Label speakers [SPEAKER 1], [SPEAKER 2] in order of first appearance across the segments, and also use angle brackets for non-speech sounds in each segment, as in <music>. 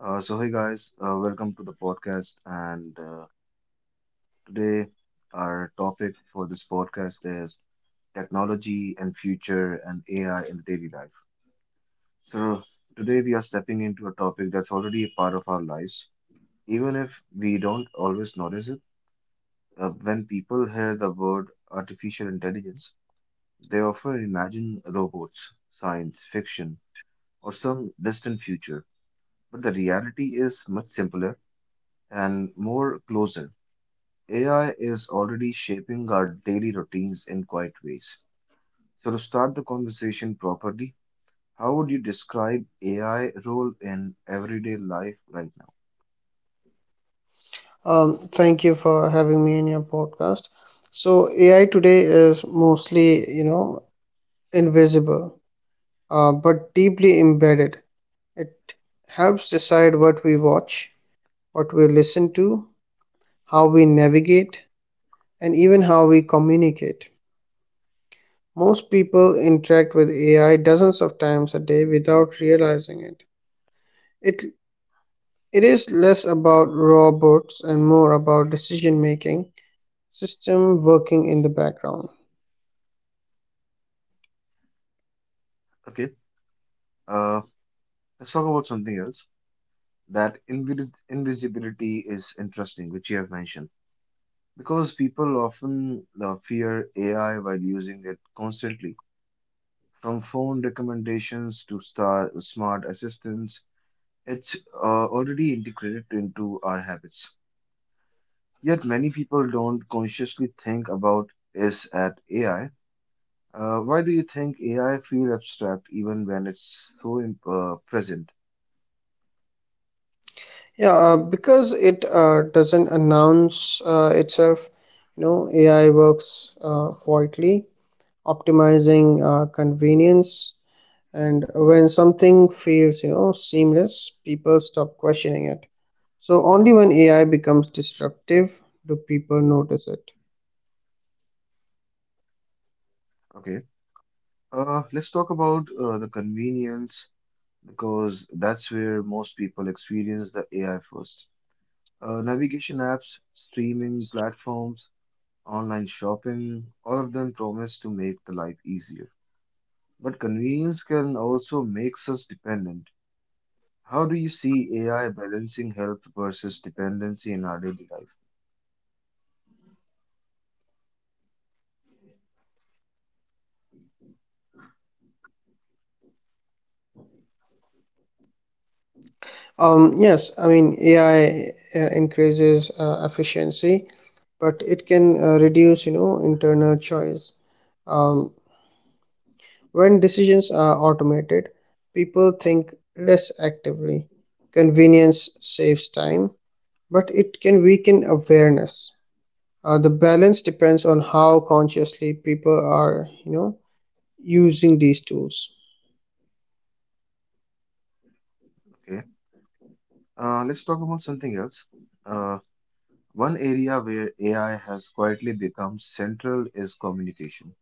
[SPEAKER 1] Hey guys, welcome to the podcast. And today, our topic for this podcast is technology and future and AI in daily life. So, today we are stepping into a topic that's already a part of our lives, even if we don't always notice it. When people hear the word artificial intelligence, they often imagine robots, science fiction, or some distant future. But the reality is much simpler and more closer. AI is already shaping our daily routines in quite ways. So, to start the conversation properly, how would you describe AI role in everyday life right now?
[SPEAKER 2] Thank you for having me in your podcast. So AI today is mostly, invisible, but deeply embedded. It helps decide what we watch, what we listen to, how we navigate, and even how we communicate. Most people interact with AI dozens of times a day without realizing it. It it is less about robots and more about decision making system working in the background.
[SPEAKER 1] Okay. Uh, let's talk about something else. That invisibility is interesting, which you have mentioned, because people often fear AI while using it constantly, from phone recommendations to smart assistants. It's already integrated into our habits. Yet many people don't consciously think about is at AI. Why do you think AI feel abstract even when it's so present?
[SPEAKER 2] Yeah, because it doesn't announce itself. AI works quietly, optimizing convenience. And when something feels, seamless, people stop questioning it. So only when AI becomes disruptive do people notice it.
[SPEAKER 1] Okay. Let's talk about the convenience, because that's where most people experience the AI first. Navigation apps, streaming platforms, online shopping, all of them promise to make the life easier. But convenience can also makes us dependent. How do you see AI balancing health versus dependency in our daily life?
[SPEAKER 2] Yes, I mean, AI increases efficiency, but it can reduce, internal choice. Um, When decisions are automated, people think less actively. Convenience saves time, but it can weaken awareness. The balance depends on how consciously people are, using these tools.
[SPEAKER 1] Okay. Let's talk about something else. Uh, one area where AI has quietly become central is communication.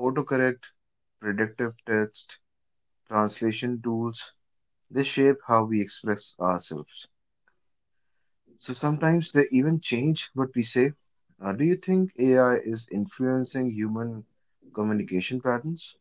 [SPEAKER 1] Autocorrect, predictive text, translation tools, they shape how we express ourselves. So sometimes they even change what we say. Do you think AI is influencing human communication patterns?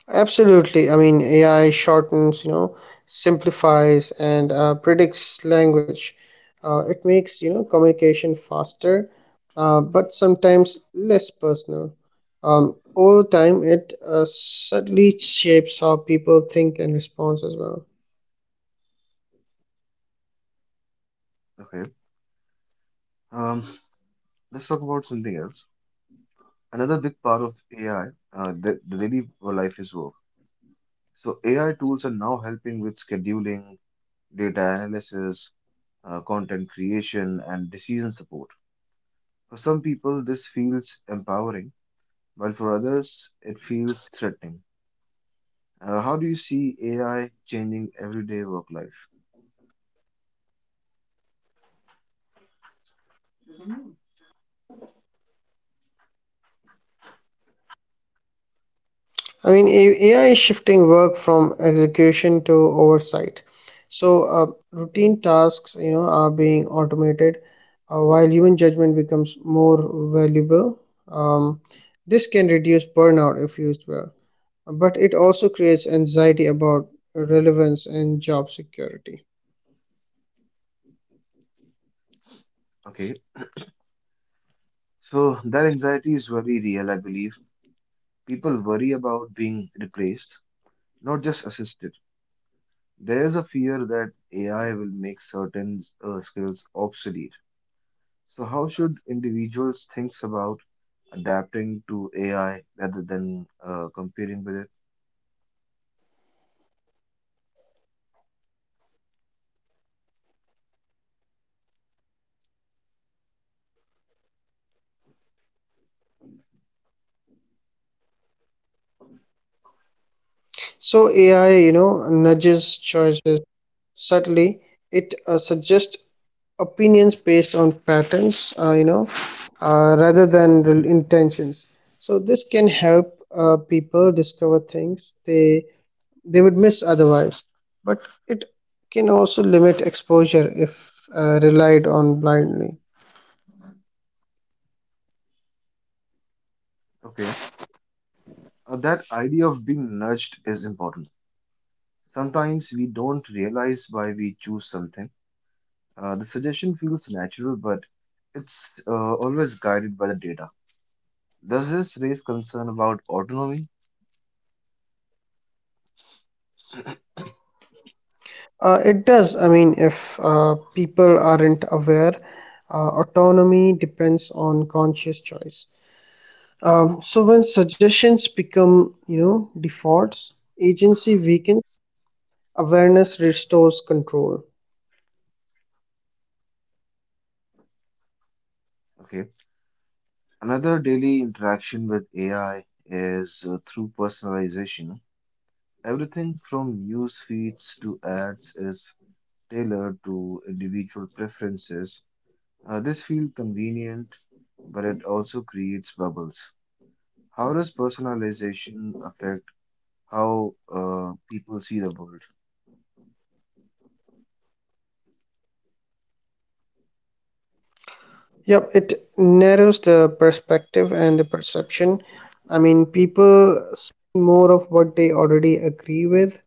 [SPEAKER 2] Absolutely. I mean, AI shortens, simplifies and predicts language. It makes, communication faster, but sometimes less personal. Over time, it subtly shapes how people think and respond as well.
[SPEAKER 1] Okay. Um, let's talk about something else. Another big part of AI, the daily life is work. So AI tools are now helping with scheduling, data analysis, content creation, and decision support. For some people, this feels empowering, while for others, it feels threatening. How do you see AI changing everyday work life?
[SPEAKER 2] I mean, AI is shifting work from execution to oversight. So, routine tasks, are being automated, while human judgment becomes more valuable. Um, this can reduce burnout if used well, but it also creates anxiety about relevance and job security.
[SPEAKER 1] Okay, so that anxiety is very real, I believe. People worry about being replaced, not just assisted. There is a fear that AI will make certain skills obsolete. So, how should individuals think about adapting to AI rather than competing with it?
[SPEAKER 2] So, AI, nudges choices subtly. It suggests opinions based on patterns rather than the intentions. So this can help people discover things they would miss otherwise, but it can also limit exposure if relied on blindly.
[SPEAKER 1] Okay. That idea of being nudged is important. Sometimes we don't realize why we choose something. The suggestion feels natural, but it's always guided by the data. Does this raise concern about autonomy?
[SPEAKER 2] Uh, it does. I mean, if people aren't aware, autonomy depends on conscious choice. Um, so when suggestions become, defaults, agency weakens. Awareness restores control.
[SPEAKER 1] Okay. Another daily interaction with AI is through personalization. Everything from news feeds to ads is tailored to individual preferences. This feels convenient, but it also creates bubbles. How does personalization affect how people see the world?
[SPEAKER 2] Yep, it narrows the perspective and the perception. I mean, people see more of what they already agree with.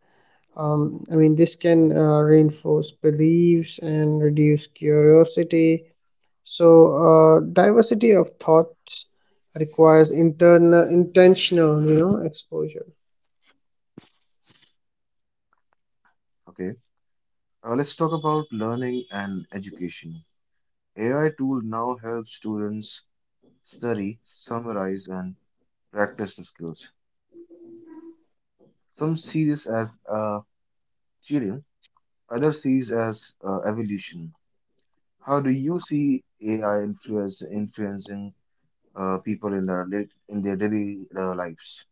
[SPEAKER 2] I mean, this can reinforce beliefs and reduce curiosity. So, diversity of thoughts requires internal, intentional, exposure.
[SPEAKER 1] Okay. Let's talk about learning and education. AI tool now helps students study, summarize, and practice the skills. Some see this as cheating, others see it as evolution. How do you see AI influence influencing people in their in their daily lives?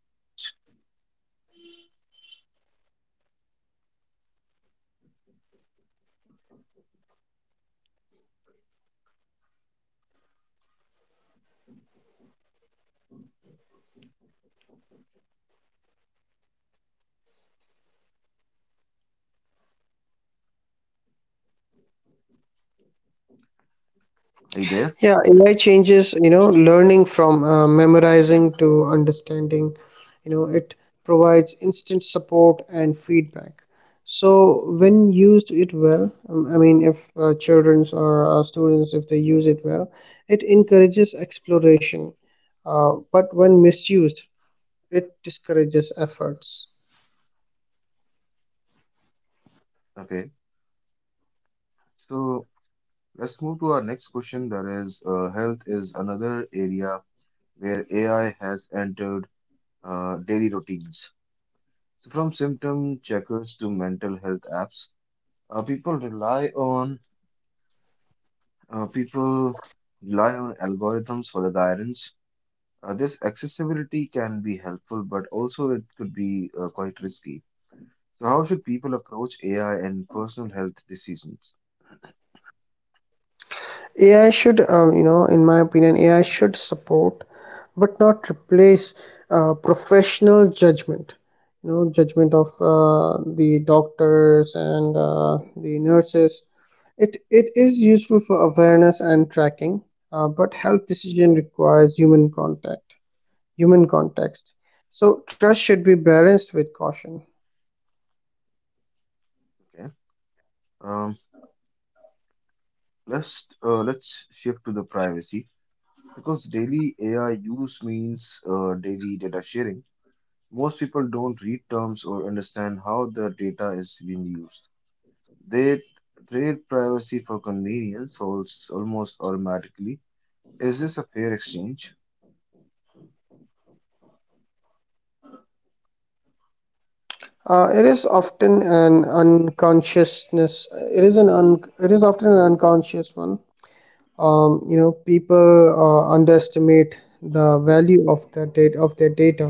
[SPEAKER 1] Are you there?
[SPEAKER 2] Yeah, AI changes, learning from memorizing to understanding. You know, it provides instant support and feedback. So when used it well, I mean, if childrens or students, if they use it well, it encourages exploration. But when misused, it discourages efforts.
[SPEAKER 1] Okay. So let's move to our next question. That is, health is another area where AI has entered daily routines. So from symptom checkers to mental health apps, uh, people rely on people rely on algorithms for the guidance. This accessibility can be helpful, but also it could be quite risky. So, how should people approach AI and personal health decisions?
[SPEAKER 2] AI should, in my opinion, AI should support but not replace professional judgment. You know, judgment of the doctors and the nurses. It is useful for awareness and tracking, but health decision requires human context. So trust should be balanced with caution.
[SPEAKER 1] Okay. Um, let's shift to the privacy, because daily AI use means daily data sharing. Most people don't read terms or understand how the data is being used. They trade privacy for convenience almost automatically. Is this a fair exchange?
[SPEAKER 2] It is often an unconsciousness. It is often an unconscious one. Um, you know, people underestimate the value of their data.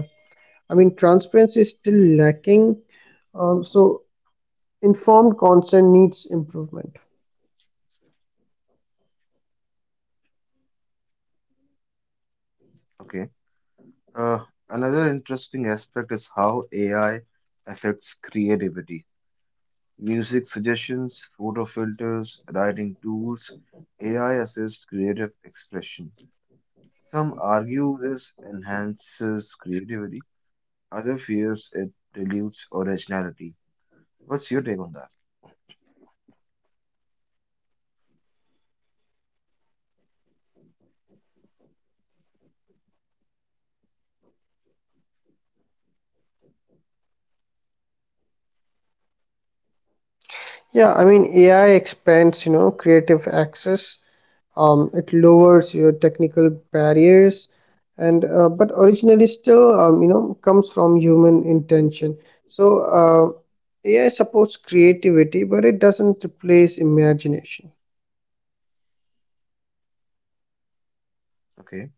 [SPEAKER 2] I mean, transparency is still lacking. Um, so informed consent needs improvement.
[SPEAKER 1] Okay. Uh, another interesting aspect is how AI affects creativity. Music suggestions, photo filters, writing tools, AI assists creative expression. Some argue this enhances creativity, others fears it dilutes originality. What's your take on that?
[SPEAKER 2] Yeah, I mean, AI expands, creative access. Um, it lowers your technical barriers, and but originally still, comes from human intention. So, AI supports creativity, but it doesn't replace imagination.
[SPEAKER 1] Okay.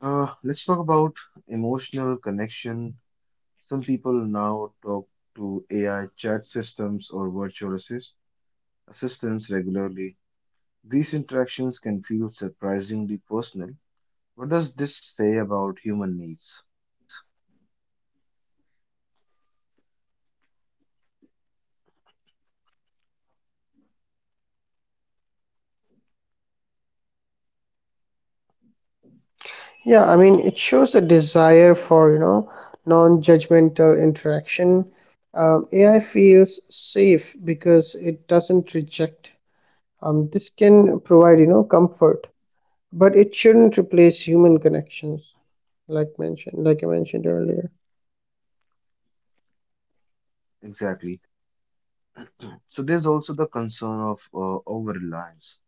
[SPEAKER 1] Let's talk about emotional connection. Some people now talk to AI chat systems or virtual assistants regularly. These interactions can feel surprisingly personal. What does this say about human needs?
[SPEAKER 2] Yeah, I mean, it shows a desire for, non-judgmental interaction. AI feels safe because it doesn't reject. This can provide, comfort, but it shouldn't replace human connections, like I mentioned earlier.
[SPEAKER 1] Exactly. So there's also the concern of over-reliance.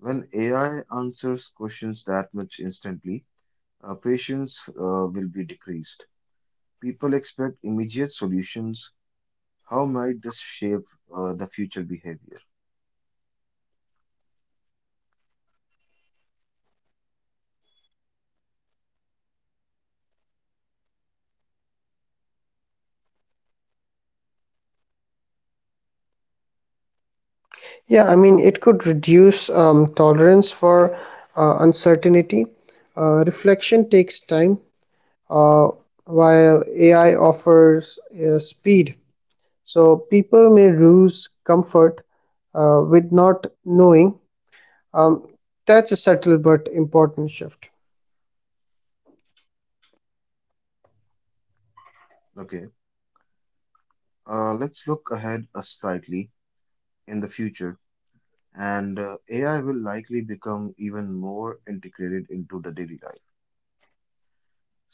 [SPEAKER 1] When AI answers questions that much instantly, patience will be decreased. People expect immediate solutions. How might this shape the future behavior?
[SPEAKER 2] Yeah, I mean, it could reduce tolerance for uncertainty. Reflection takes time, uh, while AI offers speed. So people may lose comfort with not knowing. Um, that's a subtle but important shift.
[SPEAKER 1] Okay. Let's look ahead slightly in the future, and AI will likely become even more integrated into the daily life.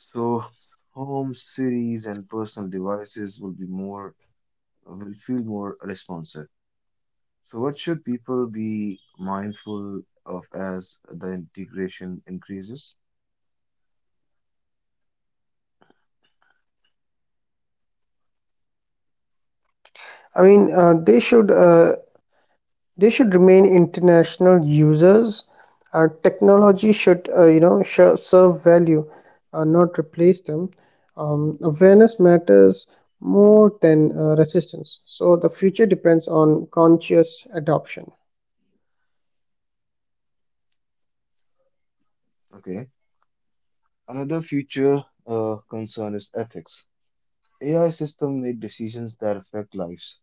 [SPEAKER 1] So home cities and personal devices will be more will feel more responsive. So what should people be mindful of as the integration increases?
[SPEAKER 2] I mean, they should remain international users. Technology should, serve value, not replace them. Awareness matters more than resistance. So the future depends on conscious adoption.
[SPEAKER 1] Okay. Another future concern is ethics. AI system make decisions that affect lives,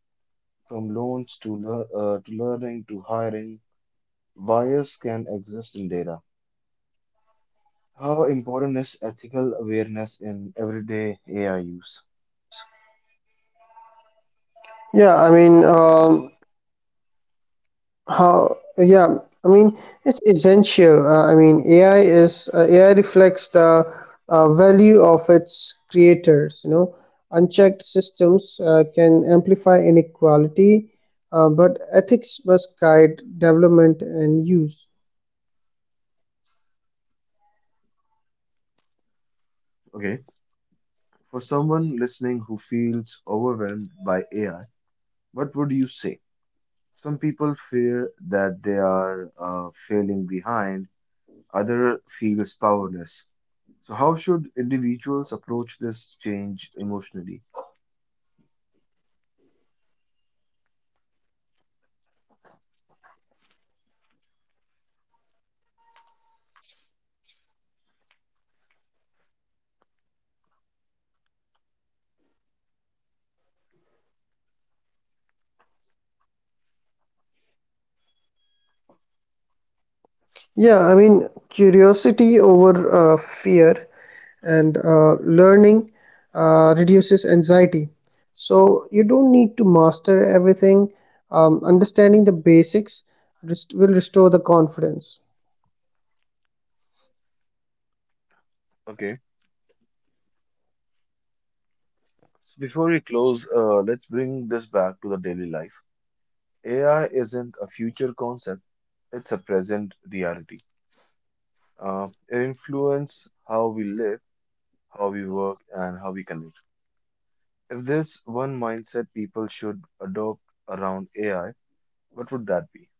[SPEAKER 1] from loans to learning to hiring. Bias can exist in data. How important is ethical awareness in everyday AI use?
[SPEAKER 2] Yeah, I mean, um, How, yeah, I mean, it's essential. AI reflects the value of its creators. You know, unchecked systems can amplify inequality, but ethics must guide development and use.
[SPEAKER 1] Okay. For someone listening who feels overwhelmed by AI, what would you say? Some people fear that they are failing behind, other feels powerless. So how should individuals approach this change emotionally?
[SPEAKER 2] Yeah, I mean, curiosity over fear, and learning reduces anxiety. So you don't need to master everything. Understanding the basics will restore the confidence.
[SPEAKER 1] Okay. So before we close, let's bring this back to the daily life. AI isn't a future concept, it's a present reality. It influences how we live, how we work, and how we connect. If there's one mindset people should adopt around AI, what would that be?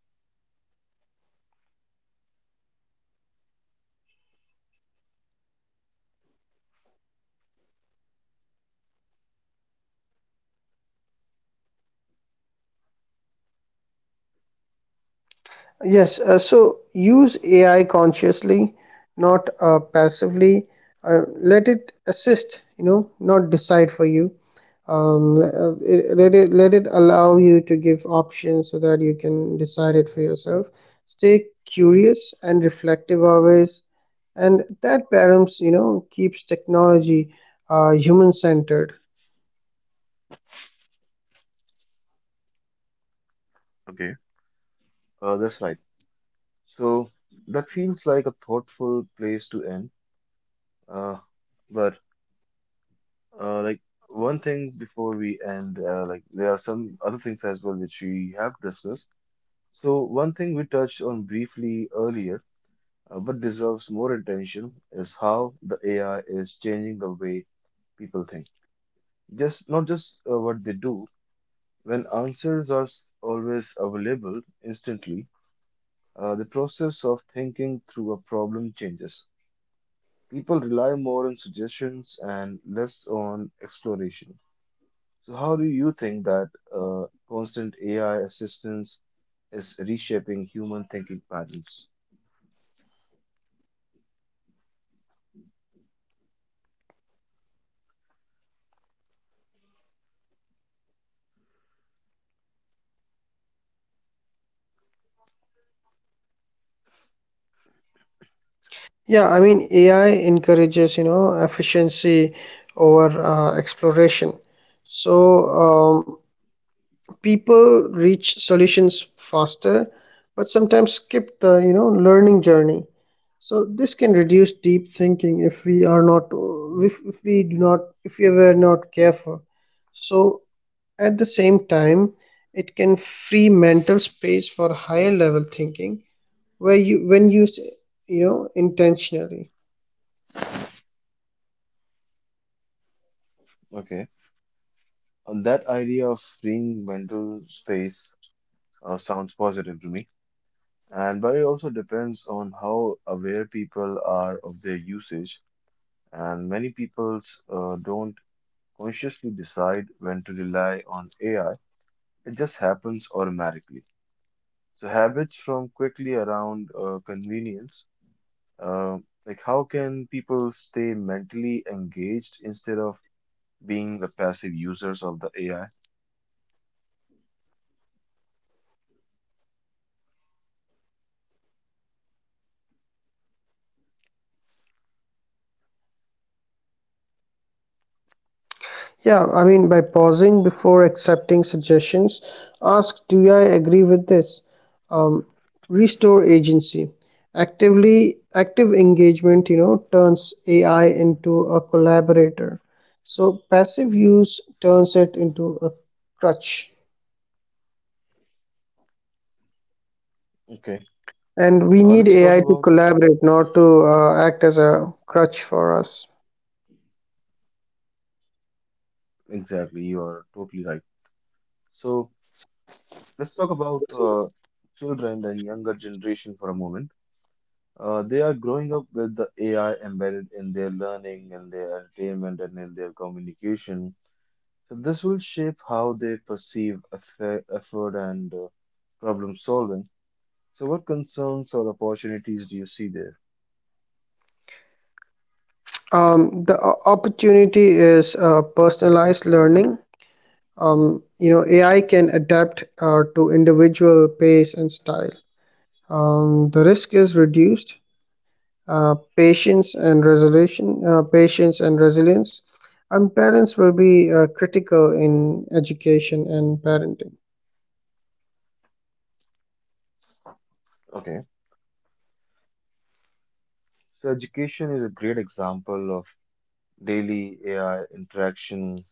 [SPEAKER 2] Yes, so use AI consciously, not passively. Let it assist, not decide for you. It- let it Let it allow you to give options so that you can decide it for yourself. Stay curious and reflective always, and that balance, keeps technology human centered.
[SPEAKER 1] Okay. That's right. So that feels like a thoughtful place to end. Uh, but like One thing before we end, there are some other things as well which we have discussed. So one thing we touched on briefly earlier, but deserves more attention, is how the AI is changing the way people think. Just not just what they do. When answers are always available instantly, the process of thinking through a problem changes. People rely more on suggestions and less on exploration. So, how do you think that constant AI assistance is reshaping human thinking patterns?
[SPEAKER 2] Yeah, I mean, AI encourages, efficiency over exploration. So, um, people reach solutions faster, but sometimes skip the, learning journey. So this can reduce deep thinking if we are not, if we were not careful. So at the same time, it can free mental space for higher level thinking when used, intentionally.
[SPEAKER 1] Okay, on that idea of freeing mental space sounds positive to me, and but it also depends on how aware people are of their usage, and many people don't consciously decide when to rely on AI. It just happens automatically. So habits from quickly around convenience. uh, how can people stay mentally engaged instead of being the passive users of the AI?
[SPEAKER 2] Yeah, I mean, by pausing before accepting suggestions, ask, do I agree with this? Um, restore agency. Actively, active engagement, turns AI into a collaborator. So passive use turns it into a crutch.
[SPEAKER 1] Okay.
[SPEAKER 2] And we need
[SPEAKER 1] Let's talk
[SPEAKER 2] AI to
[SPEAKER 1] about
[SPEAKER 2] collaborate, not to act as a crutch for us.
[SPEAKER 1] Exactly. You are totally right. So let's talk about children and younger generation for a moment. They are growing up with the AI embedded in their learning, in their entertainment, and in their communication. So this will shape how they perceive effort and problem solving. So what concerns or opportunities do you see there?
[SPEAKER 2] The opportunity is personalized learning. You know, AI can adapt to individual pace and style. The risk is reduced. Patience and resilience, and parents will be critical in education and parenting.
[SPEAKER 1] Okay. So education is a great example of daily AI interaction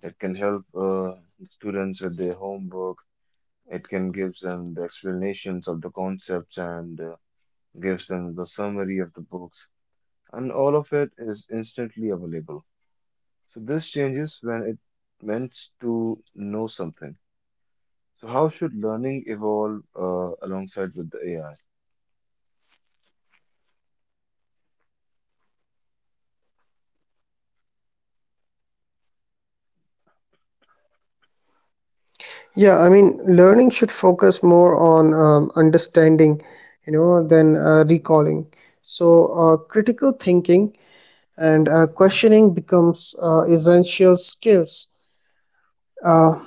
[SPEAKER 1] that can help students with their homework. It can give them the explanations of the concepts and gives them the summary of the books, and all of it is instantly available. So this changes when it meant to know something. So how should learning evolve alongside with the AI?
[SPEAKER 2] Yeah, I mean, learning should focus more on understanding, than recalling. So, critical thinking and questioning becomes essential skills. Uh,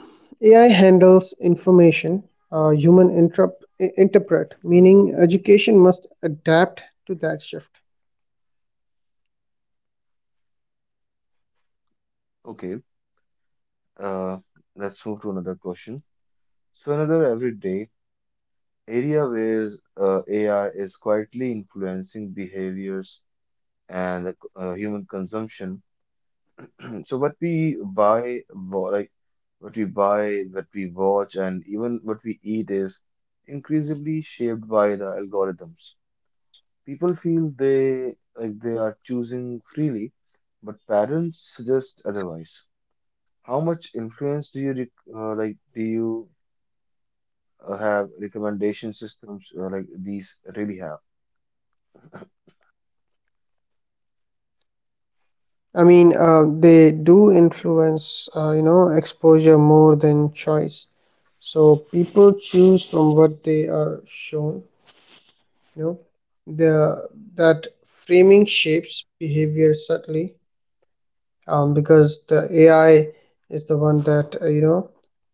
[SPEAKER 2] AI handles information, human interpret, meaning education must adapt to that shift.
[SPEAKER 1] Okay. Uh, let's move to another question. So another everyday area where AI is quietly influencing behaviors and human consumption. So what we buy, what we buy, what we watch, and even what we eat is increasingly shaped by the algorithms. People feel they like they are choosing freely, but parents suggest otherwise. How much influence do you have recommendation systems like these really have?
[SPEAKER 2] I mean, they do influence, exposure more than choice. So people choose from what they are shown. You know, the that framing shapes behavior subtly, because the AI is the one that, uh, you know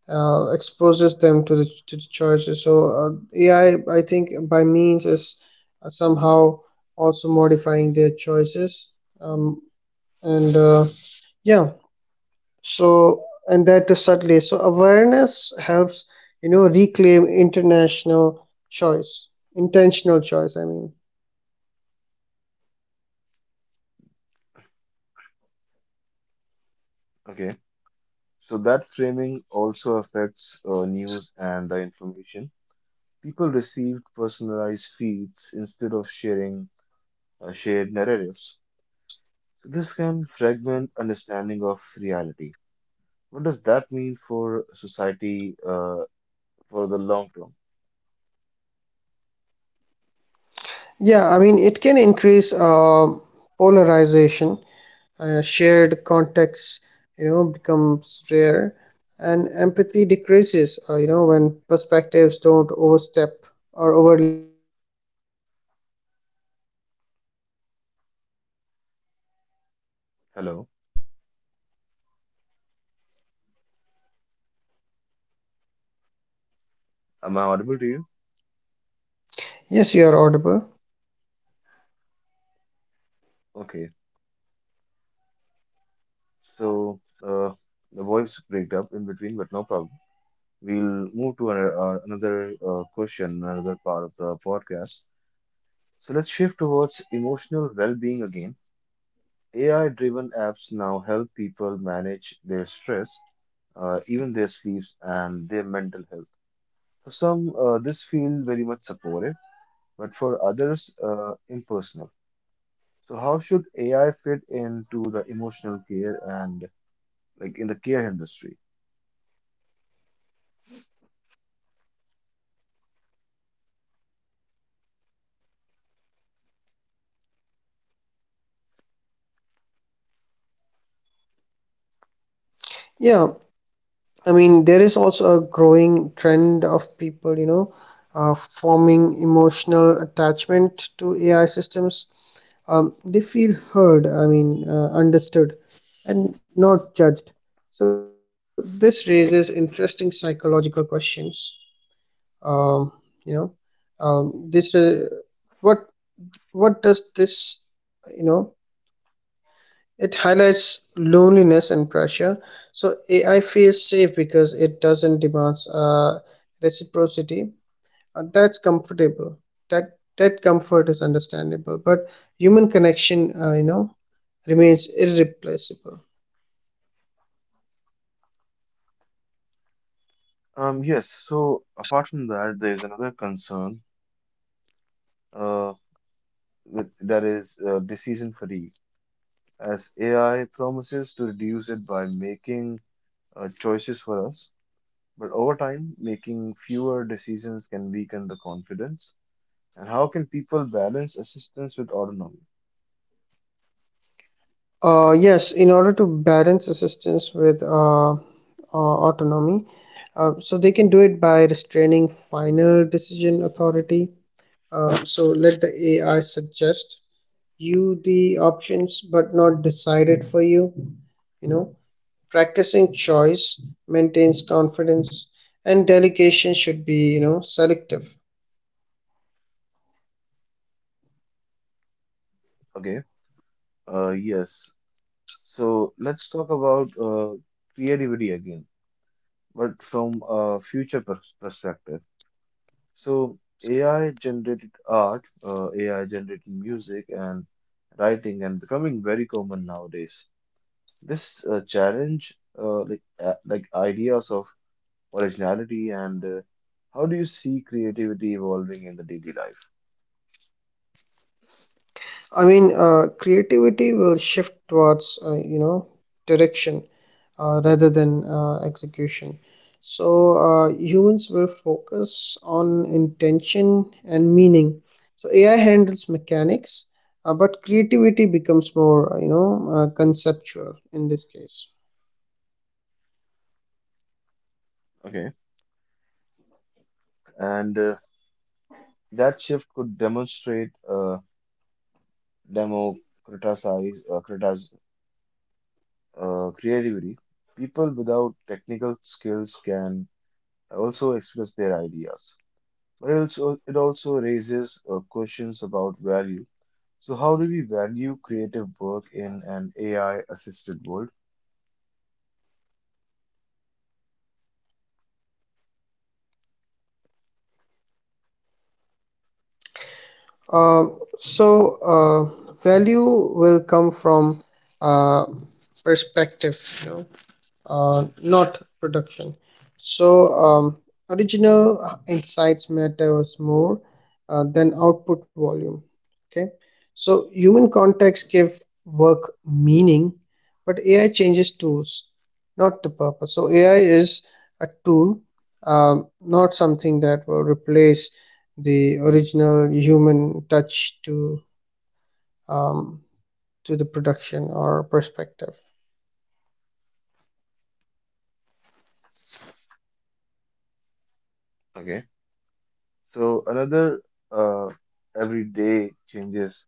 [SPEAKER 2] uh, exposes them to the choices. So AI, I think, by means is somehow also modifying their choices. Um, and uh, yeah, so and that is subtly. So awareness helps, reclaim intentional choice.
[SPEAKER 1] Okay, so that framing also affects news and the information. People received personalized feeds instead of sharing shared narratives. So this can fragment understanding of reality. What does that mean for society for the long term?
[SPEAKER 2] Yeah, I mean, it can increase polarization. Shared contexts, becomes rare, and empathy decreases, when perspectives don't overstep or overlap. So media literacy also becomes essential in this part.
[SPEAKER 1] Hello, am I audible to you?
[SPEAKER 2] Yes, you are audible.
[SPEAKER 1] Okay, so the voice break up in between, but no problem. We'll move to another question, another part of the podcast. So let's shift towards emotional well-being again. AI-driven apps now help people manage their stress, even their sleeps and their mental health. For some, this feels very much supportive, but for others, impersonal. So, how should AI fit into the emotional care and like in the care industry?
[SPEAKER 2] Yeah, I mean, there is also a growing trend of people, uh, forming emotional attachment to AI systems. Um, they feel heard, understood, and not judged. So this raises interesting psychological questions. Um, you know, this what what does this, you know it highlights loneliness and pressure. So AI feels safe because it doesn't demand reciprocity. That's comfortable. That that comfort is understandable, but human connection, remains irreplaceable.
[SPEAKER 1] Yes. So, apart from that, there is another concern, uh, that is decision fatigue, as AI promises to reduce it by making choices for us. But over time, making fewer decisions can weaken the confidence. And how can people balance assistance with autonomy?
[SPEAKER 2] Yes, in order to balance assistance with autonomy, so they can do it by restraining final decision authority. So let the AI suggest you the options but not decide it for you. You know, practicing choice maintains confidence, and delegation should be, selective.
[SPEAKER 1] Okay, yes. So let's talk about creativity again, but from a future perspective. So AI generated art, AI generated music, and writing, and becoming very common nowadays. This challenge, like ideas of originality, and how do you see creativity evolving in the daily life?
[SPEAKER 2] I mean, creativity will shift towards, direction rather than execution. So humans will focus on intention and meaning. So AI handles mechanics, but creativity becomes more, conceptual in this case.
[SPEAKER 1] Okay. And that shift could demonstrate democratize uh, critas- creativity. People without technical skills can also express their ideas, but it also raises questions about value. So, how do we value creative work in an AI assisted world?
[SPEAKER 2] Uh, Value will come from uh, perspective, you know. Not production. So, original insights matters more than output volume. Okay, so human contacts give work meaning, but AI changes tools, not the purpose. So AI is a tool, not something that will replace the original human touch to, um, to the production or perspective.
[SPEAKER 1] Okay. So another uh, everyday changes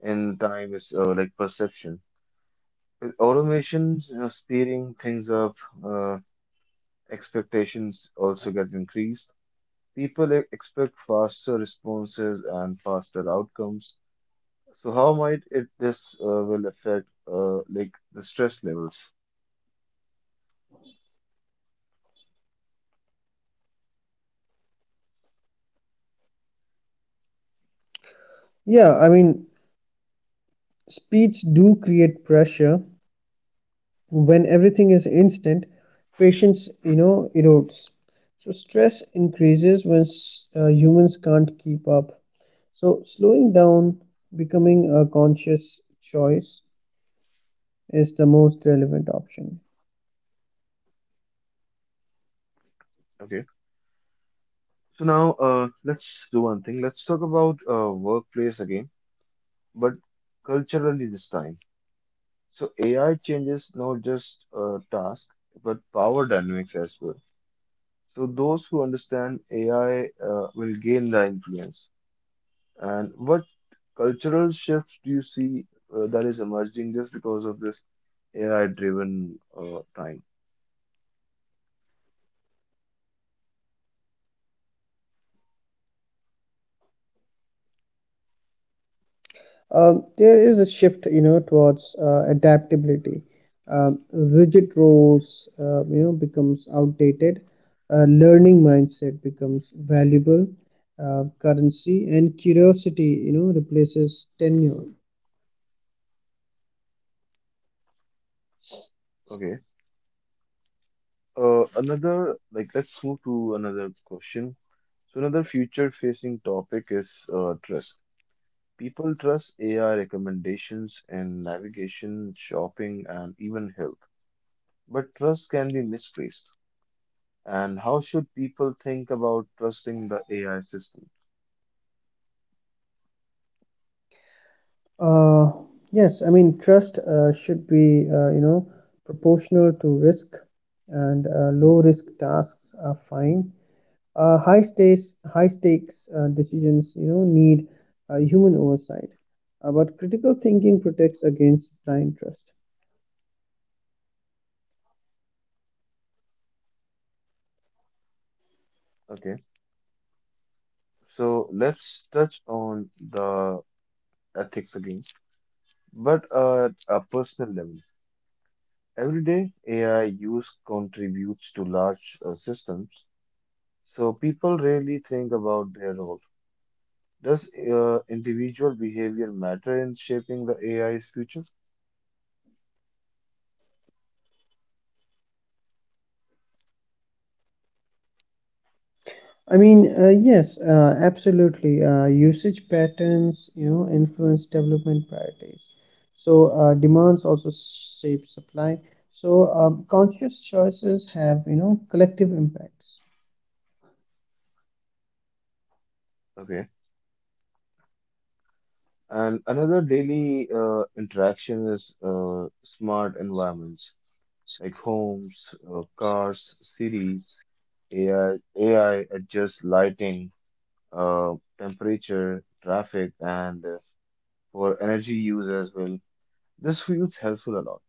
[SPEAKER 1] in time is like perception. With automations, you know, speeding things up, uh, expectations also get increased. People expect faster responses and faster outcomes. So how might it this will affect like the stress levels?
[SPEAKER 2] Yeah, I mean, speeds do create pressure. When everything is instant, patience, erodes. So stress increases when humans can't keep up. So slowing down, becoming a conscious choice, is the most relevant option.
[SPEAKER 1] Okay. So now let's do one thing. Let's talk about workplace again, but culturally this time. So AI changes not just task but power dynamics as well. So those who understand AI will gain the influence. And what cultural shifts do you see that is emerging just because of this AI-driven time?
[SPEAKER 2] There is a shift, towards adaptability. Rigid roles, becomes outdated. A learning mindset becomes valuable. Currency and curiosity, replaces tenure.
[SPEAKER 1] Okay. Let's move to another question. So another future-facing topic is trust. People trust AI recommendations in navigation, shopping, and even health. But trust can be misplaced. And how should people think about trusting the AI system?
[SPEAKER 2] Uh, yes, I mean, trust should be, proportional to risk, and low risk tasks are fine. High stakes decisions need human oversight, but critical thinking protects against blind trust.
[SPEAKER 1] Okay, so let's touch on the ethics again, but at a personal level. Every day, AI use contributes to large systems, so people rarely think about their role. Does individual behavior matter in shaping the AI's future?
[SPEAKER 2] I mean, yes, absolutely, usage patterns influence development priorities, so demands also shape supply. So conscious choices have collective impacts.
[SPEAKER 1] Okay. And another daily interaction is smart environments, like homes, cars, cities. AI adjusts lighting, uh, temperature, traffic, and for energy use as well. This feels helpful a lot,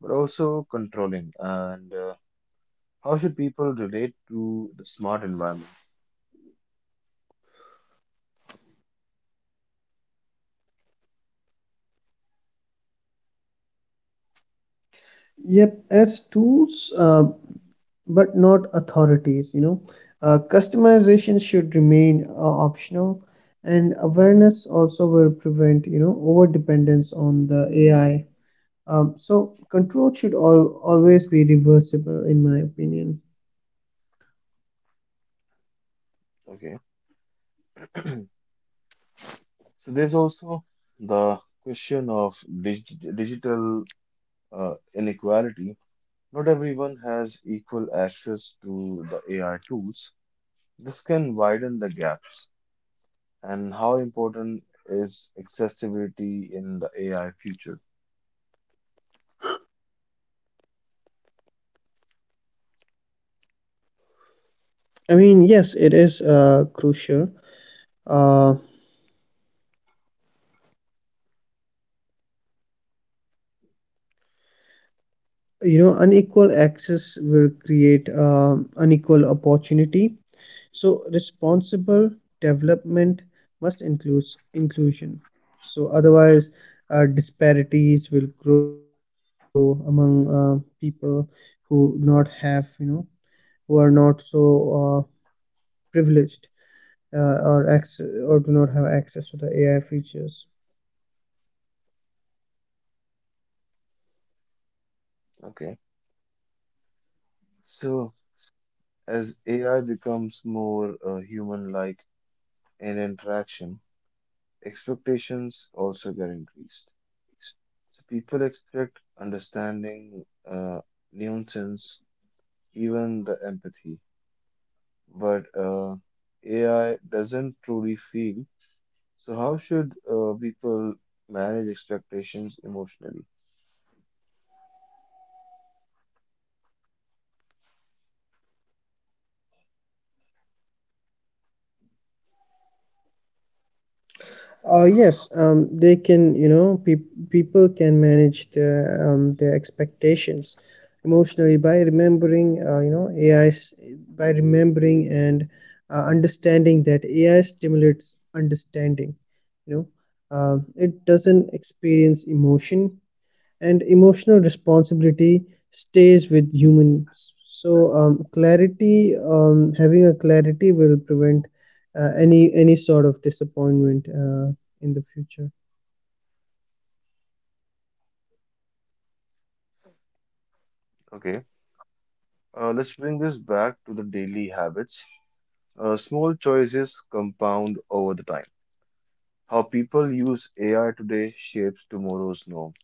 [SPEAKER 1] but also controlling. And how should people relate to the smart environment?
[SPEAKER 2] Yep, as tools, but not authorities. Customization should remain optional, and awareness also will prevent over dependence on the AI. So control should always be reversible in my opinion.
[SPEAKER 1] Okay, so there's also the question of dig digital inequality. Not everyone has equal access to the AI tools. This can widen the gaps. And how important is accessibility in the AI future?
[SPEAKER 2] I mean, yes, it is crucial. Uh, you know unequal access will create unequal opportunity. So responsible development must include inclusion. So otherwise, disparities will grow among uh, people who do not have, who are not so uh, privileged, or access or do not have access to the AI features.
[SPEAKER 1] Okay, so as AI becomes more human-like in interaction, expectations also get increased. So people expect understanding, nuisance, even the empathy, but AI doesn't truly feel. So how should people manage expectations emotionally?
[SPEAKER 2] Yes, they can, people can manage their expectations emotionally by remembering, AI's, by remembering and understanding that AI stimulates understanding. You know, Um it doesn't experience emotion, and emotional responsibility stays with humans, so clarity having a clarity will prevent any sort of disappointment in the future.
[SPEAKER 1] Okay. Let's bring this back to the daily habits. Small choices compound over the time. How people use AI today shapes tomorrow's norm.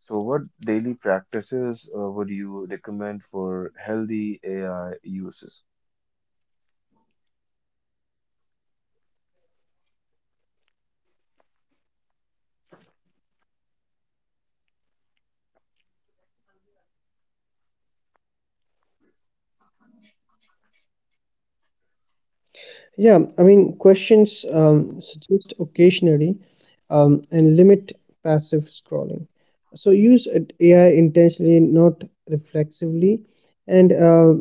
[SPEAKER 1] So, what daily practices would you recommend for healthy AI uses?
[SPEAKER 2] Yeah, I mean, questions suggest occasionally, and limit passive scrolling. So use AI intentionally, not reflexively. And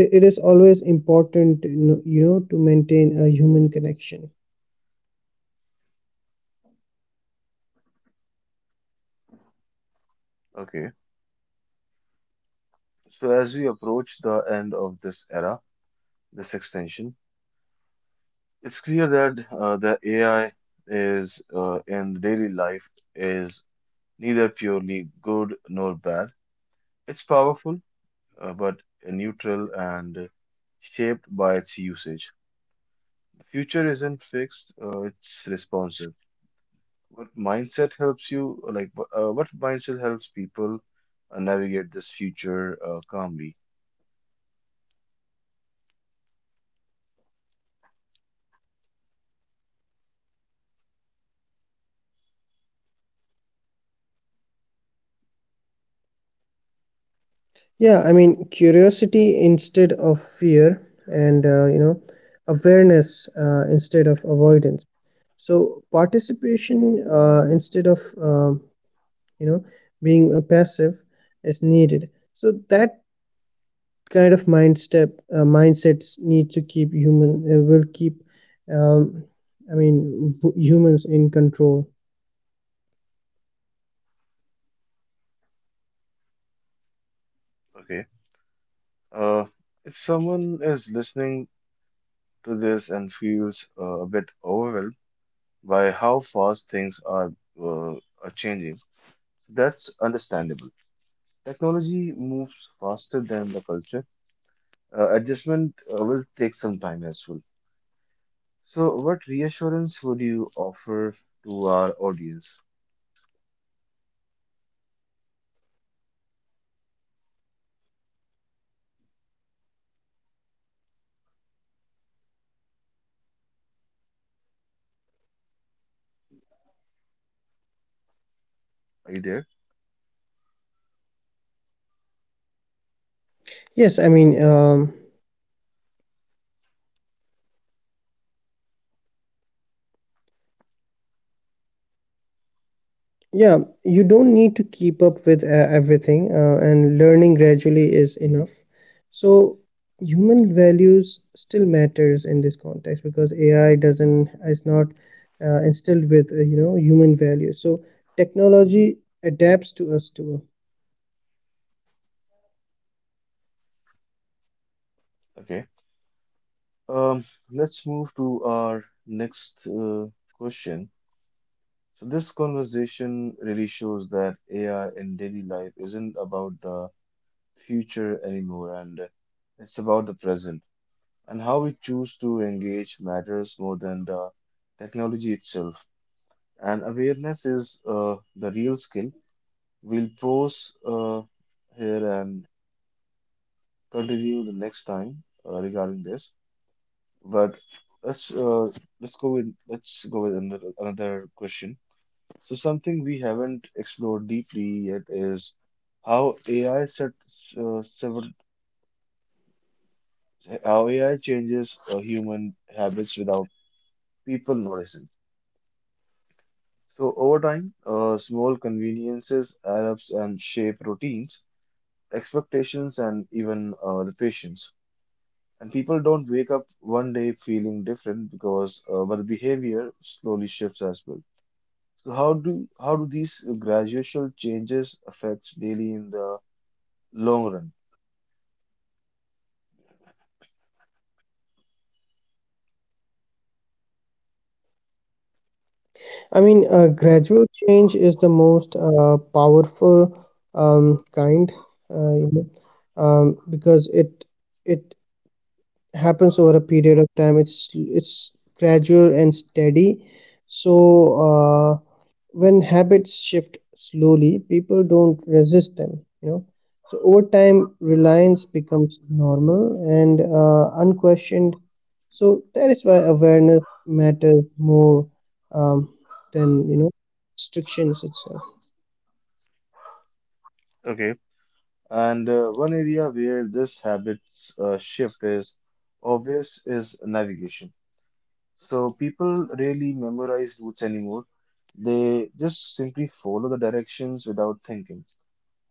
[SPEAKER 2] it is always important, to maintain a human connection.
[SPEAKER 1] Okay, so as we approach the end of this era, this extension, it's clear that the AI is in daily life is neither purely good nor bad. It's powerful, but neutral and shaped by its usage. The future isn't fixed, it's responsive. What mindset helps you, like, wh- what mindset helps people navigate this future calmly?
[SPEAKER 2] Yeah, I mean, curiosity instead of fear, and awareness instead of avoidance. So participation instead of you know being a passive is needed. So that kind of mindsets need to keep human will keep. Um, I mean, humans in control.
[SPEAKER 1] Okay. Uh, if someone is listening to this and feels a bit overwhelmed by how fast things uh, are changing, that's understandable. Technology moves faster than the culture. Adjustment will take some time as well. So, what reassurance would you offer to our audience? Are you there?
[SPEAKER 2] Yes, I mean. Yeah, you don't need to keep up with everything, and learning gradually is enough. So human values still matters in this context because AI doesn't, is not instilled with human values. So technology adapts to us too.
[SPEAKER 1] Okay. Um, let's move to our next question. So, this conversation really shows that AI in daily life isn't about the future anymore, and it's about the present. And how we choose to engage matters more than the technology itself. And awareness is the real skill. We'll pause here and continue the next time regarding this. But let's uh, let's go with another another question. So something we haven't explored deeply yet is how AI sets uh, several how AI changes human habits without people noticing. So over time, small conveniences adapts and shape routines, expectations, and even the patience. And people don't wake up one day feeling different because our behavior slowly shifts as well. So how do these gradual changes affect daily in the long run?
[SPEAKER 2] I mean, gradual change is the most powerful kind, uh, you know, because it happens over a period of time. It's gradual and steady. So uh, when habits shift slowly, people don't resist them you know so over time, reliance becomes normal and unquestioned. So that is why awareness matters more um, than restrictions itself.
[SPEAKER 1] Okay. And one area where this habits shift is obvious is navigation. So people rarely memorize routes anymore. They just simply follow the directions without thinking.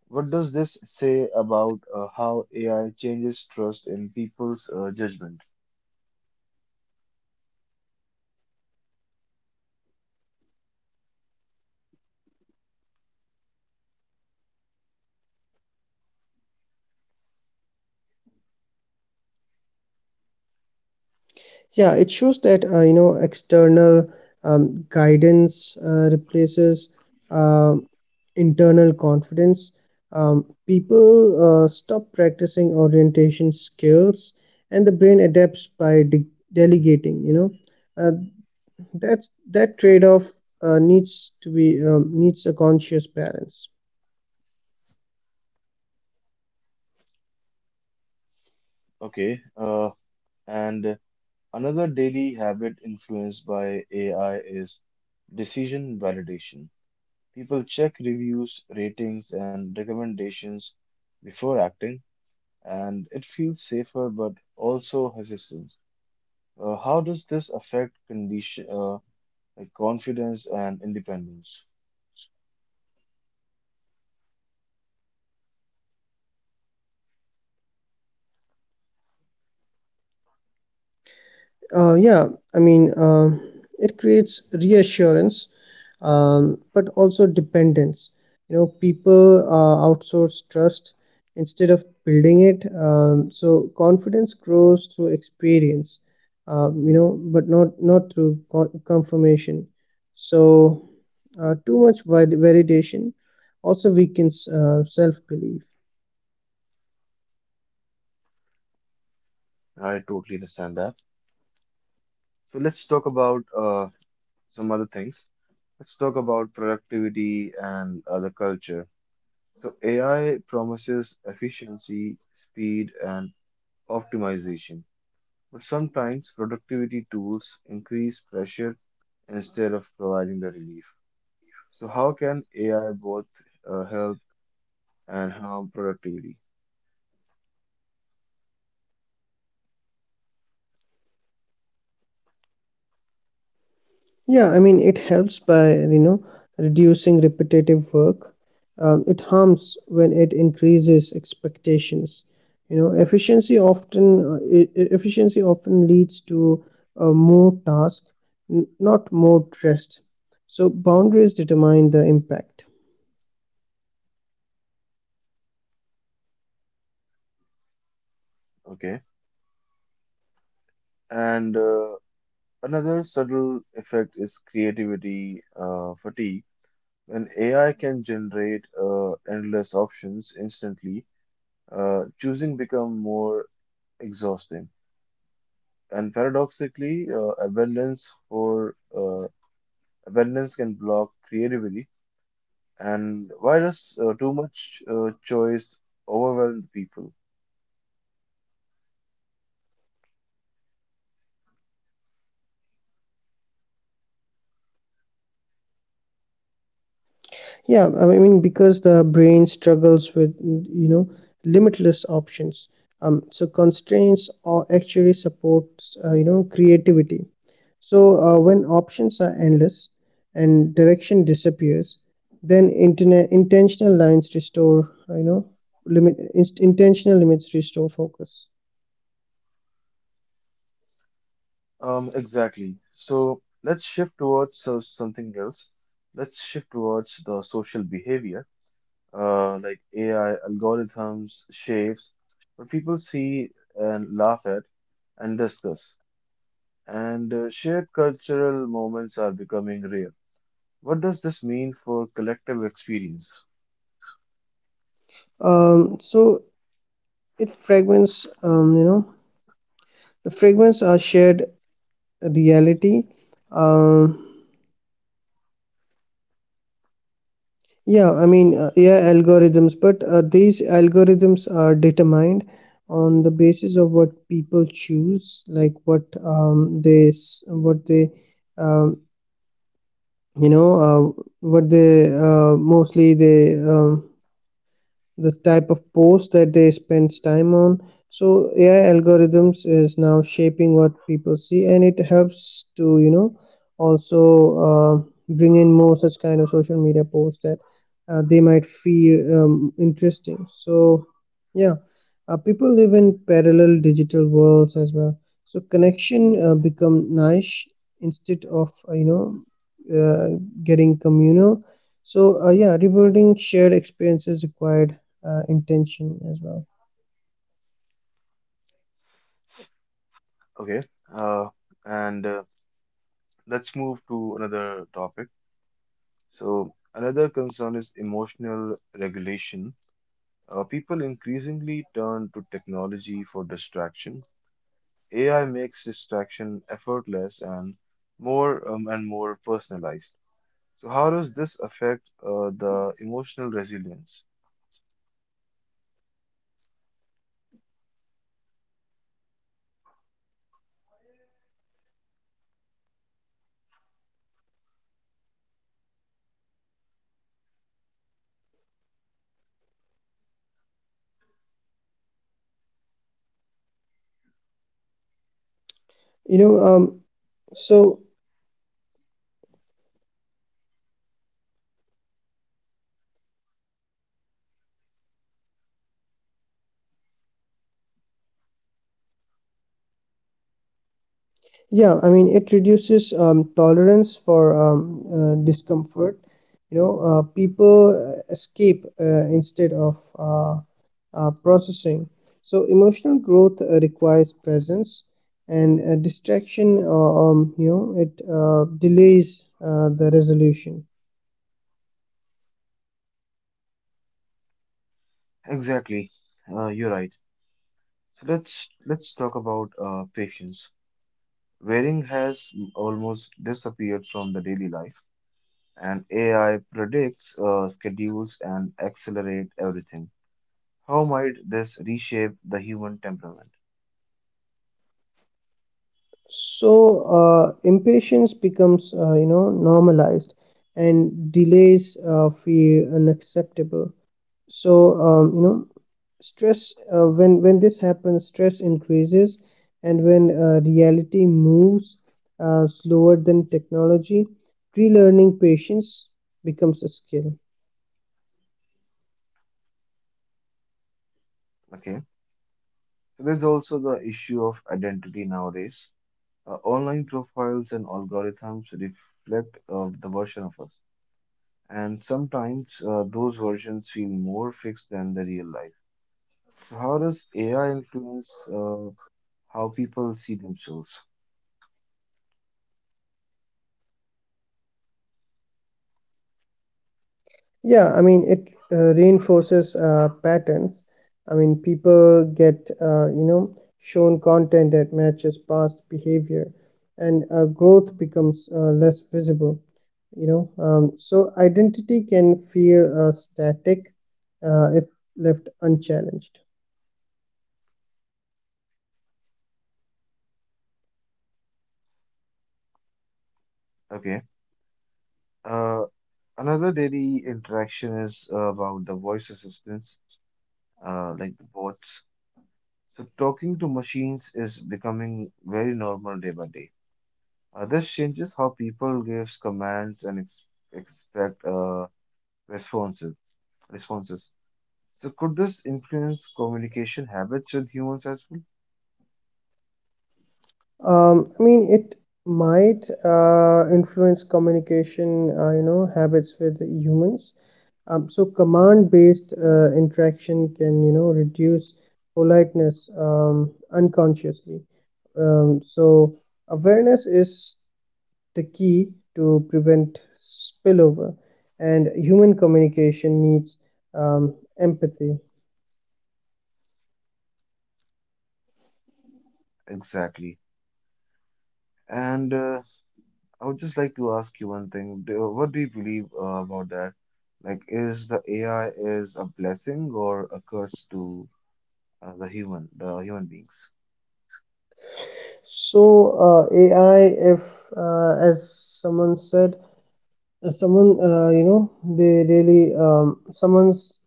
[SPEAKER 1] What does this say about how AI changes trust in people's judgment?
[SPEAKER 2] Yeah, it shows that external guidance replaces uh, internal confidence. People stop practicing orientation skills, and the brain adapts by delegating, uh, that's that trade-off needs to be needs a conscious balance.
[SPEAKER 1] Okay, and another daily habit influenced by AI is decision validation. People check reviews, ratings, and recommendations before acting, and it feels safer but also hesitant. How does this affect condition, like confidence and independence?
[SPEAKER 2] Yeah, I mean, it creates reassurance, but also dependence. People outsource trust instead of building it. So confidence grows through experience, but not through confirmation. So too much validation also weakens self-belief.
[SPEAKER 1] I totally understand that. So let's talk about some other things. Let's talk about productivity and other culture. So AI promises efficiency, speed, and optimization, but sometimes productivity tools increase pressure instead of providing the relief. So how can AI both help and harm productivity?
[SPEAKER 2] Yeah, I mean, it helps by, reducing repetitive work. It harms when it increases expectations. Efficiency often leads to more task, not more rest. So boundaries determine the impact.
[SPEAKER 1] Okay, and another subtle effect is creativity fatigue. When AI can generate endless options instantly, choosing become more exhausting. And paradoxically, abundance can block creativity. And why does too much choice overwhelm people?
[SPEAKER 2] Yeah, I mean, because the brain struggles with, limitless options. So constraints or actually supports, creativity. So, when options are endless and direction disappears, then internet intentional lines restore, intentional limits restore focus.
[SPEAKER 1] Exactly. So let's shift towards something else. Let's shift towards the social behavior, like AI algorithms, shapes, what people see and laugh at and discuss. And shared cultural moments are becoming rare. What does this mean for collective experience?
[SPEAKER 2] So it fragments, the fragments are shared reality. Um, yeah, I mean, AI algorithms, but these algorithms are determined on the basis of what people choose, like what what they um, you know uh, what they mostly they the type of post that they spend time on. So AI algorithms is now shaping what people see, and it helps to, also uh, bring in more such kind of social media posts that they might feel interesting. So yeah, people live in parallel digital worlds as well. So connection become niche instead of, uh, getting communal. So yeah, rebuilding shared experiences required intention as well.
[SPEAKER 1] Okay, uh, and let's move to another topic. So, another concern is emotional regulation. People increasingly turn to technology for distraction. AI makes distraction effortless and more personalized. So, how does this affect the emotional resilience?
[SPEAKER 2] you know um, so yeah, I mean, it reduces tolerance for discomfort. People escape instead of processing. So emotional growth requires presence, and distraction it delays the resolution.
[SPEAKER 1] Exactly. You're right. So let's talk about patience. Wearing has almost disappeared from the daily life, and AI predicts, schedules, and accelerate everything. How might this reshape the human temperament?
[SPEAKER 2] So impatience becomes, normalized, and delays feel unacceptable. So stress when this happens, stress increases, and when reality moves slower than technology, relearning patience becomes a skill.
[SPEAKER 1] Okay, so there's also the issue of identity nowadays. Online profiles and algorithms reflect the version of us, and sometimes those versions feel more fixed than the real life. So how does AI influence how people see themselves?
[SPEAKER 2] Yeah, I mean, it reinforces patterns. I mean, people get, shown content that matches past behavior, and growth becomes less visible. So identity can feel static if left unchallenged.
[SPEAKER 1] Okay. Uh, Another daily interaction is about the voice assistants, like the bots. So talking to machines is becoming very normal day by day. This changes how people gives commands and ex expect responses. Responses. So could this influence communication habits with humans as well?
[SPEAKER 2] I mean, it might influence communication, habits with humans. So command-based interaction can reduce politeness unconsciously. So awareness is the key to prevent spillover, and human communication needs empathy.
[SPEAKER 1] Exactly. And I would just like to ask you one thing. What do you believe about that? Like, is the AI is a blessing or a curse to the human beings?
[SPEAKER 2] So AI, if as someone said, someone, they really, someone's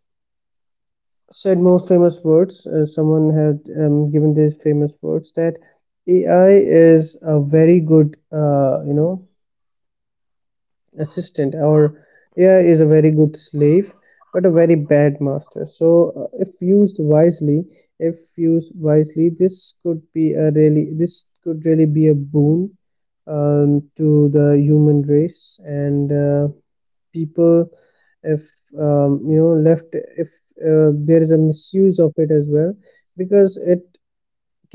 [SPEAKER 2] said most famous words. Someone had given these famous words, that AI is a very good, assistant, or
[SPEAKER 1] Okay,
[SPEAKER 2] AI is a very good slave, but a very bad master. So, if used wisely, this could be this could really be a boon to the human race, and. People, if, left, if there is a misuse of it as well, because it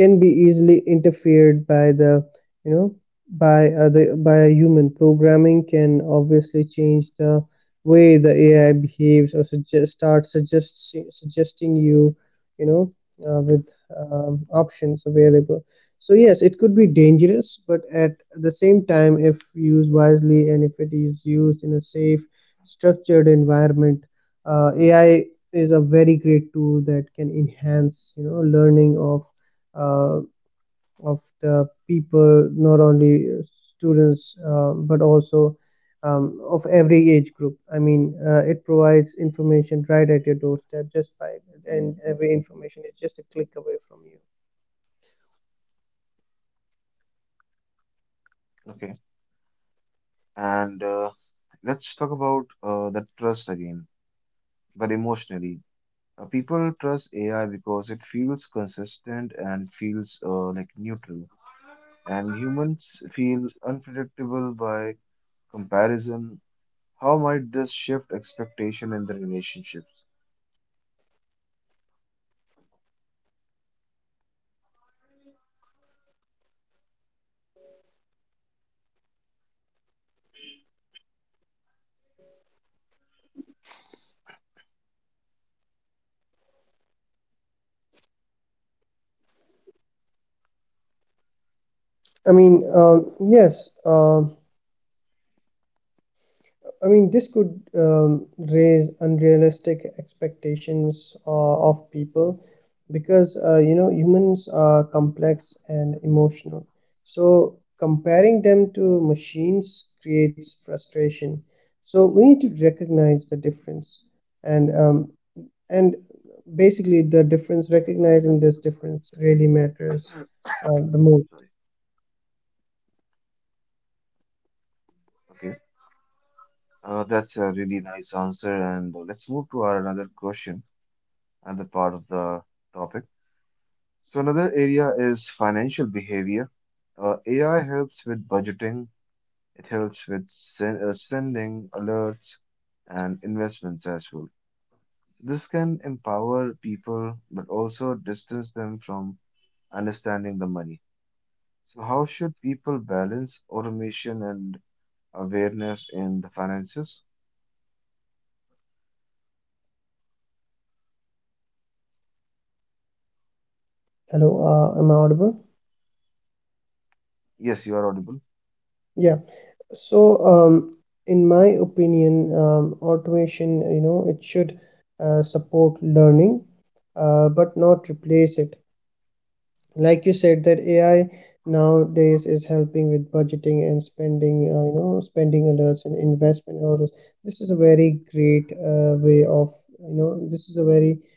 [SPEAKER 2] can be easily interfered by the, you know by a human. Programming can obviously change the way the AI behaves, or suggest start suggest suggesting you, you know with options available. So yes, it could be dangerous, but at the same time, if used wisely and if it is used in a safe, structured environment, AI is a very great tool that can enhance, learning uh, of the people, not only students, but also, of every age group. I mean, it provides information right at your doorstep just by, and every information is just a click away from you.
[SPEAKER 1] okay. And let's talk about the trust again, but emotionally. People trust AI because it feels consistent and feels like neutral. And humans feel unpredictable by comparison. How might this shift expectation in the relationships?
[SPEAKER 2] I mean, yes. I mean, this could raise unrealistic expectations of people, because, humans are complex and emotional. So comparing them to machines creates frustration. So we need to recognize the difference, and um, and basically the difference recognizing this difference really matters, the most.
[SPEAKER 1] Sorry. Okay. That's a really nice answer. And let's move to our another question, another part of the topic. So another area is financial behavior. AI helps with budgeting. It helps with spending alerts and investments as well. This can empower people, but also distance them from understanding the money. So how should people balance automation and awareness in the finances?
[SPEAKER 2] Hello, am I audible?
[SPEAKER 1] Yes, you are audible.
[SPEAKER 2] Yeah. So, in my opinion, automation, it should support learning, but not replace it. Like you said, that AI nowadays is helping with budgeting and spending, spending alerts and investment orders. This is a very great way of, you know, this is a very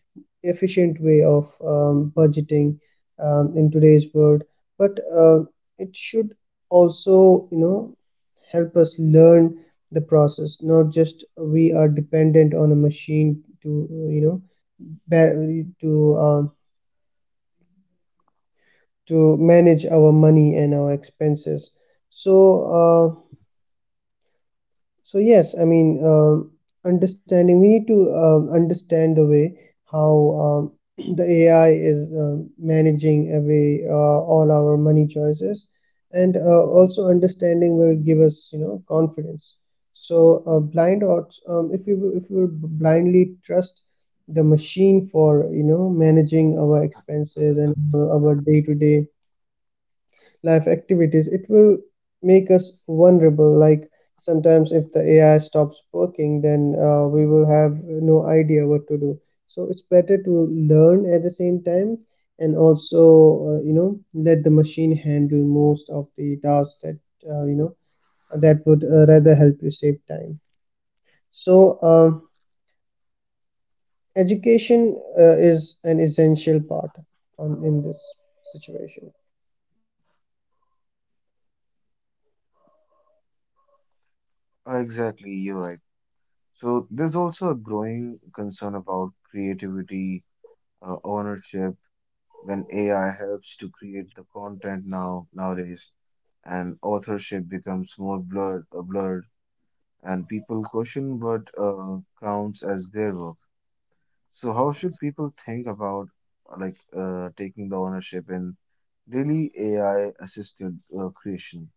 [SPEAKER 2] efficient way of budgeting in today's world, but it should also, help us learn the process, not just we are dependent on a machine to, ba- to, to manage our money and our expenses, so uh, so yes, I mean, understanding. We need to understand the way how, um, <clears throat> the AI is managing every all our money choices, and also understanding will give us, confidence. So blind odds. If we blindly trust the machine for, managing our expenses and our day to day life activities, it will make us vulnerable. Like sometimes, if the AI stops working, then we will have no idea what to do. So it's better to learn at the same time and also, let the machine handle most of the tasks that, uh, you know, that would rather help you save time. So, education is an essential part on in this situation.
[SPEAKER 1] Exactly, you're right. So there's also a growing concern about creativity, ownership when AI helps to create the content now nowadays, and authorship becomes more blurred, and people question what counts as their work. So how should people think about taking the ownership in really AI assisted creation?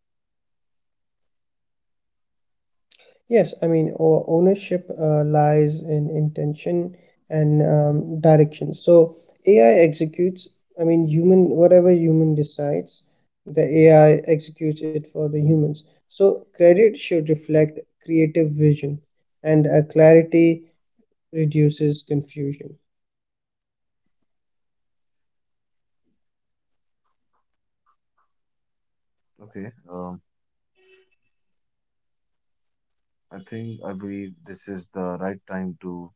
[SPEAKER 2] Yes, I mean, ownership lies in intention and, direction. So AI executes, I mean, human, whatever human decides, the AI executes it for the humans. So credit should reflect creative vision, and clarity reduces confusion.
[SPEAKER 1] Okay, I think I believe this is the right time to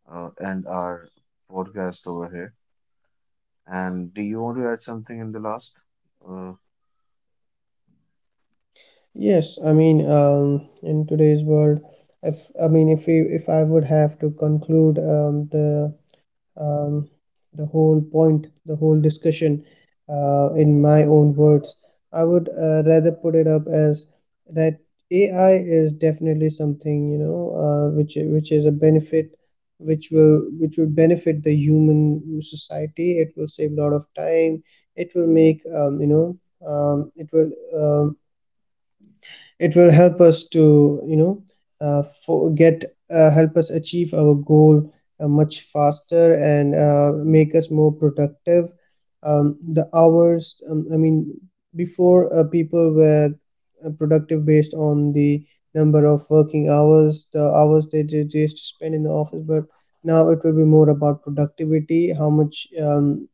[SPEAKER 1] end our podcast over here. And do you want to add something in the last? Uh,
[SPEAKER 2] Yes, I mean, in today's world, if I mean, if I would have to conclude, um, the the whole discussion, in my own words. I would rather put it up as that AI is definitely something, which is a benefit, which will benefit the human society. It will save a lot of time. It will make um, it will um, it will help us to, you know for get help us achieve our goal much faster, and make us more productive. The hours I mean before people were productive based on the number of working hours, they did used to spend in the office. But now it will be more about productivity, how much, um,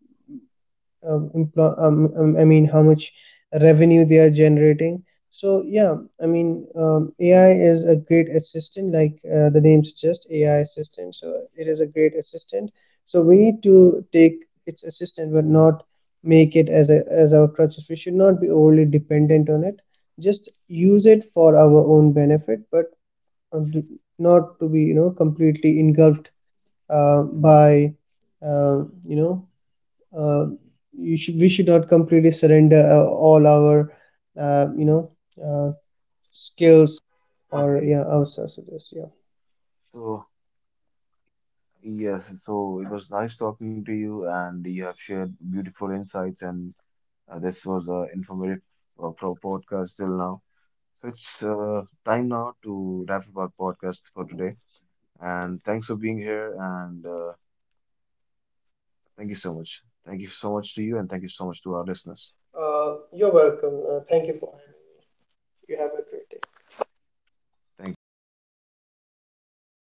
[SPEAKER 2] um, employ, um, um, I mean, how much revenue they are generating. So yeah, I mean, AI is a great assistant, like the name suggests, AI assistant. So it is a great assistant. So we need to take its assistant, but not make it as a as our crutches. We should not be overly dependent on it. Just use it for our own benefit, but do, not to be, completely engulfed by, uh, you know, uh, you should we should not completely surrender all our, uh, you know uh, skills, or
[SPEAKER 1] okay.
[SPEAKER 2] yeah, ourselves to this. Yeah,
[SPEAKER 1] So, yes, so it was nice talking to you, and you have shared beautiful insights, and this was an informative pro podcast till now. So it's time now to wrap up our podcast for today. And thanks for being here, and thank you so much. Thank you so much to you, and thank you so much to our listeners.
[SPEAKER 2] you're welcome. Thank you for having me. You have a great day.
[SPEAKER 1] Thank you.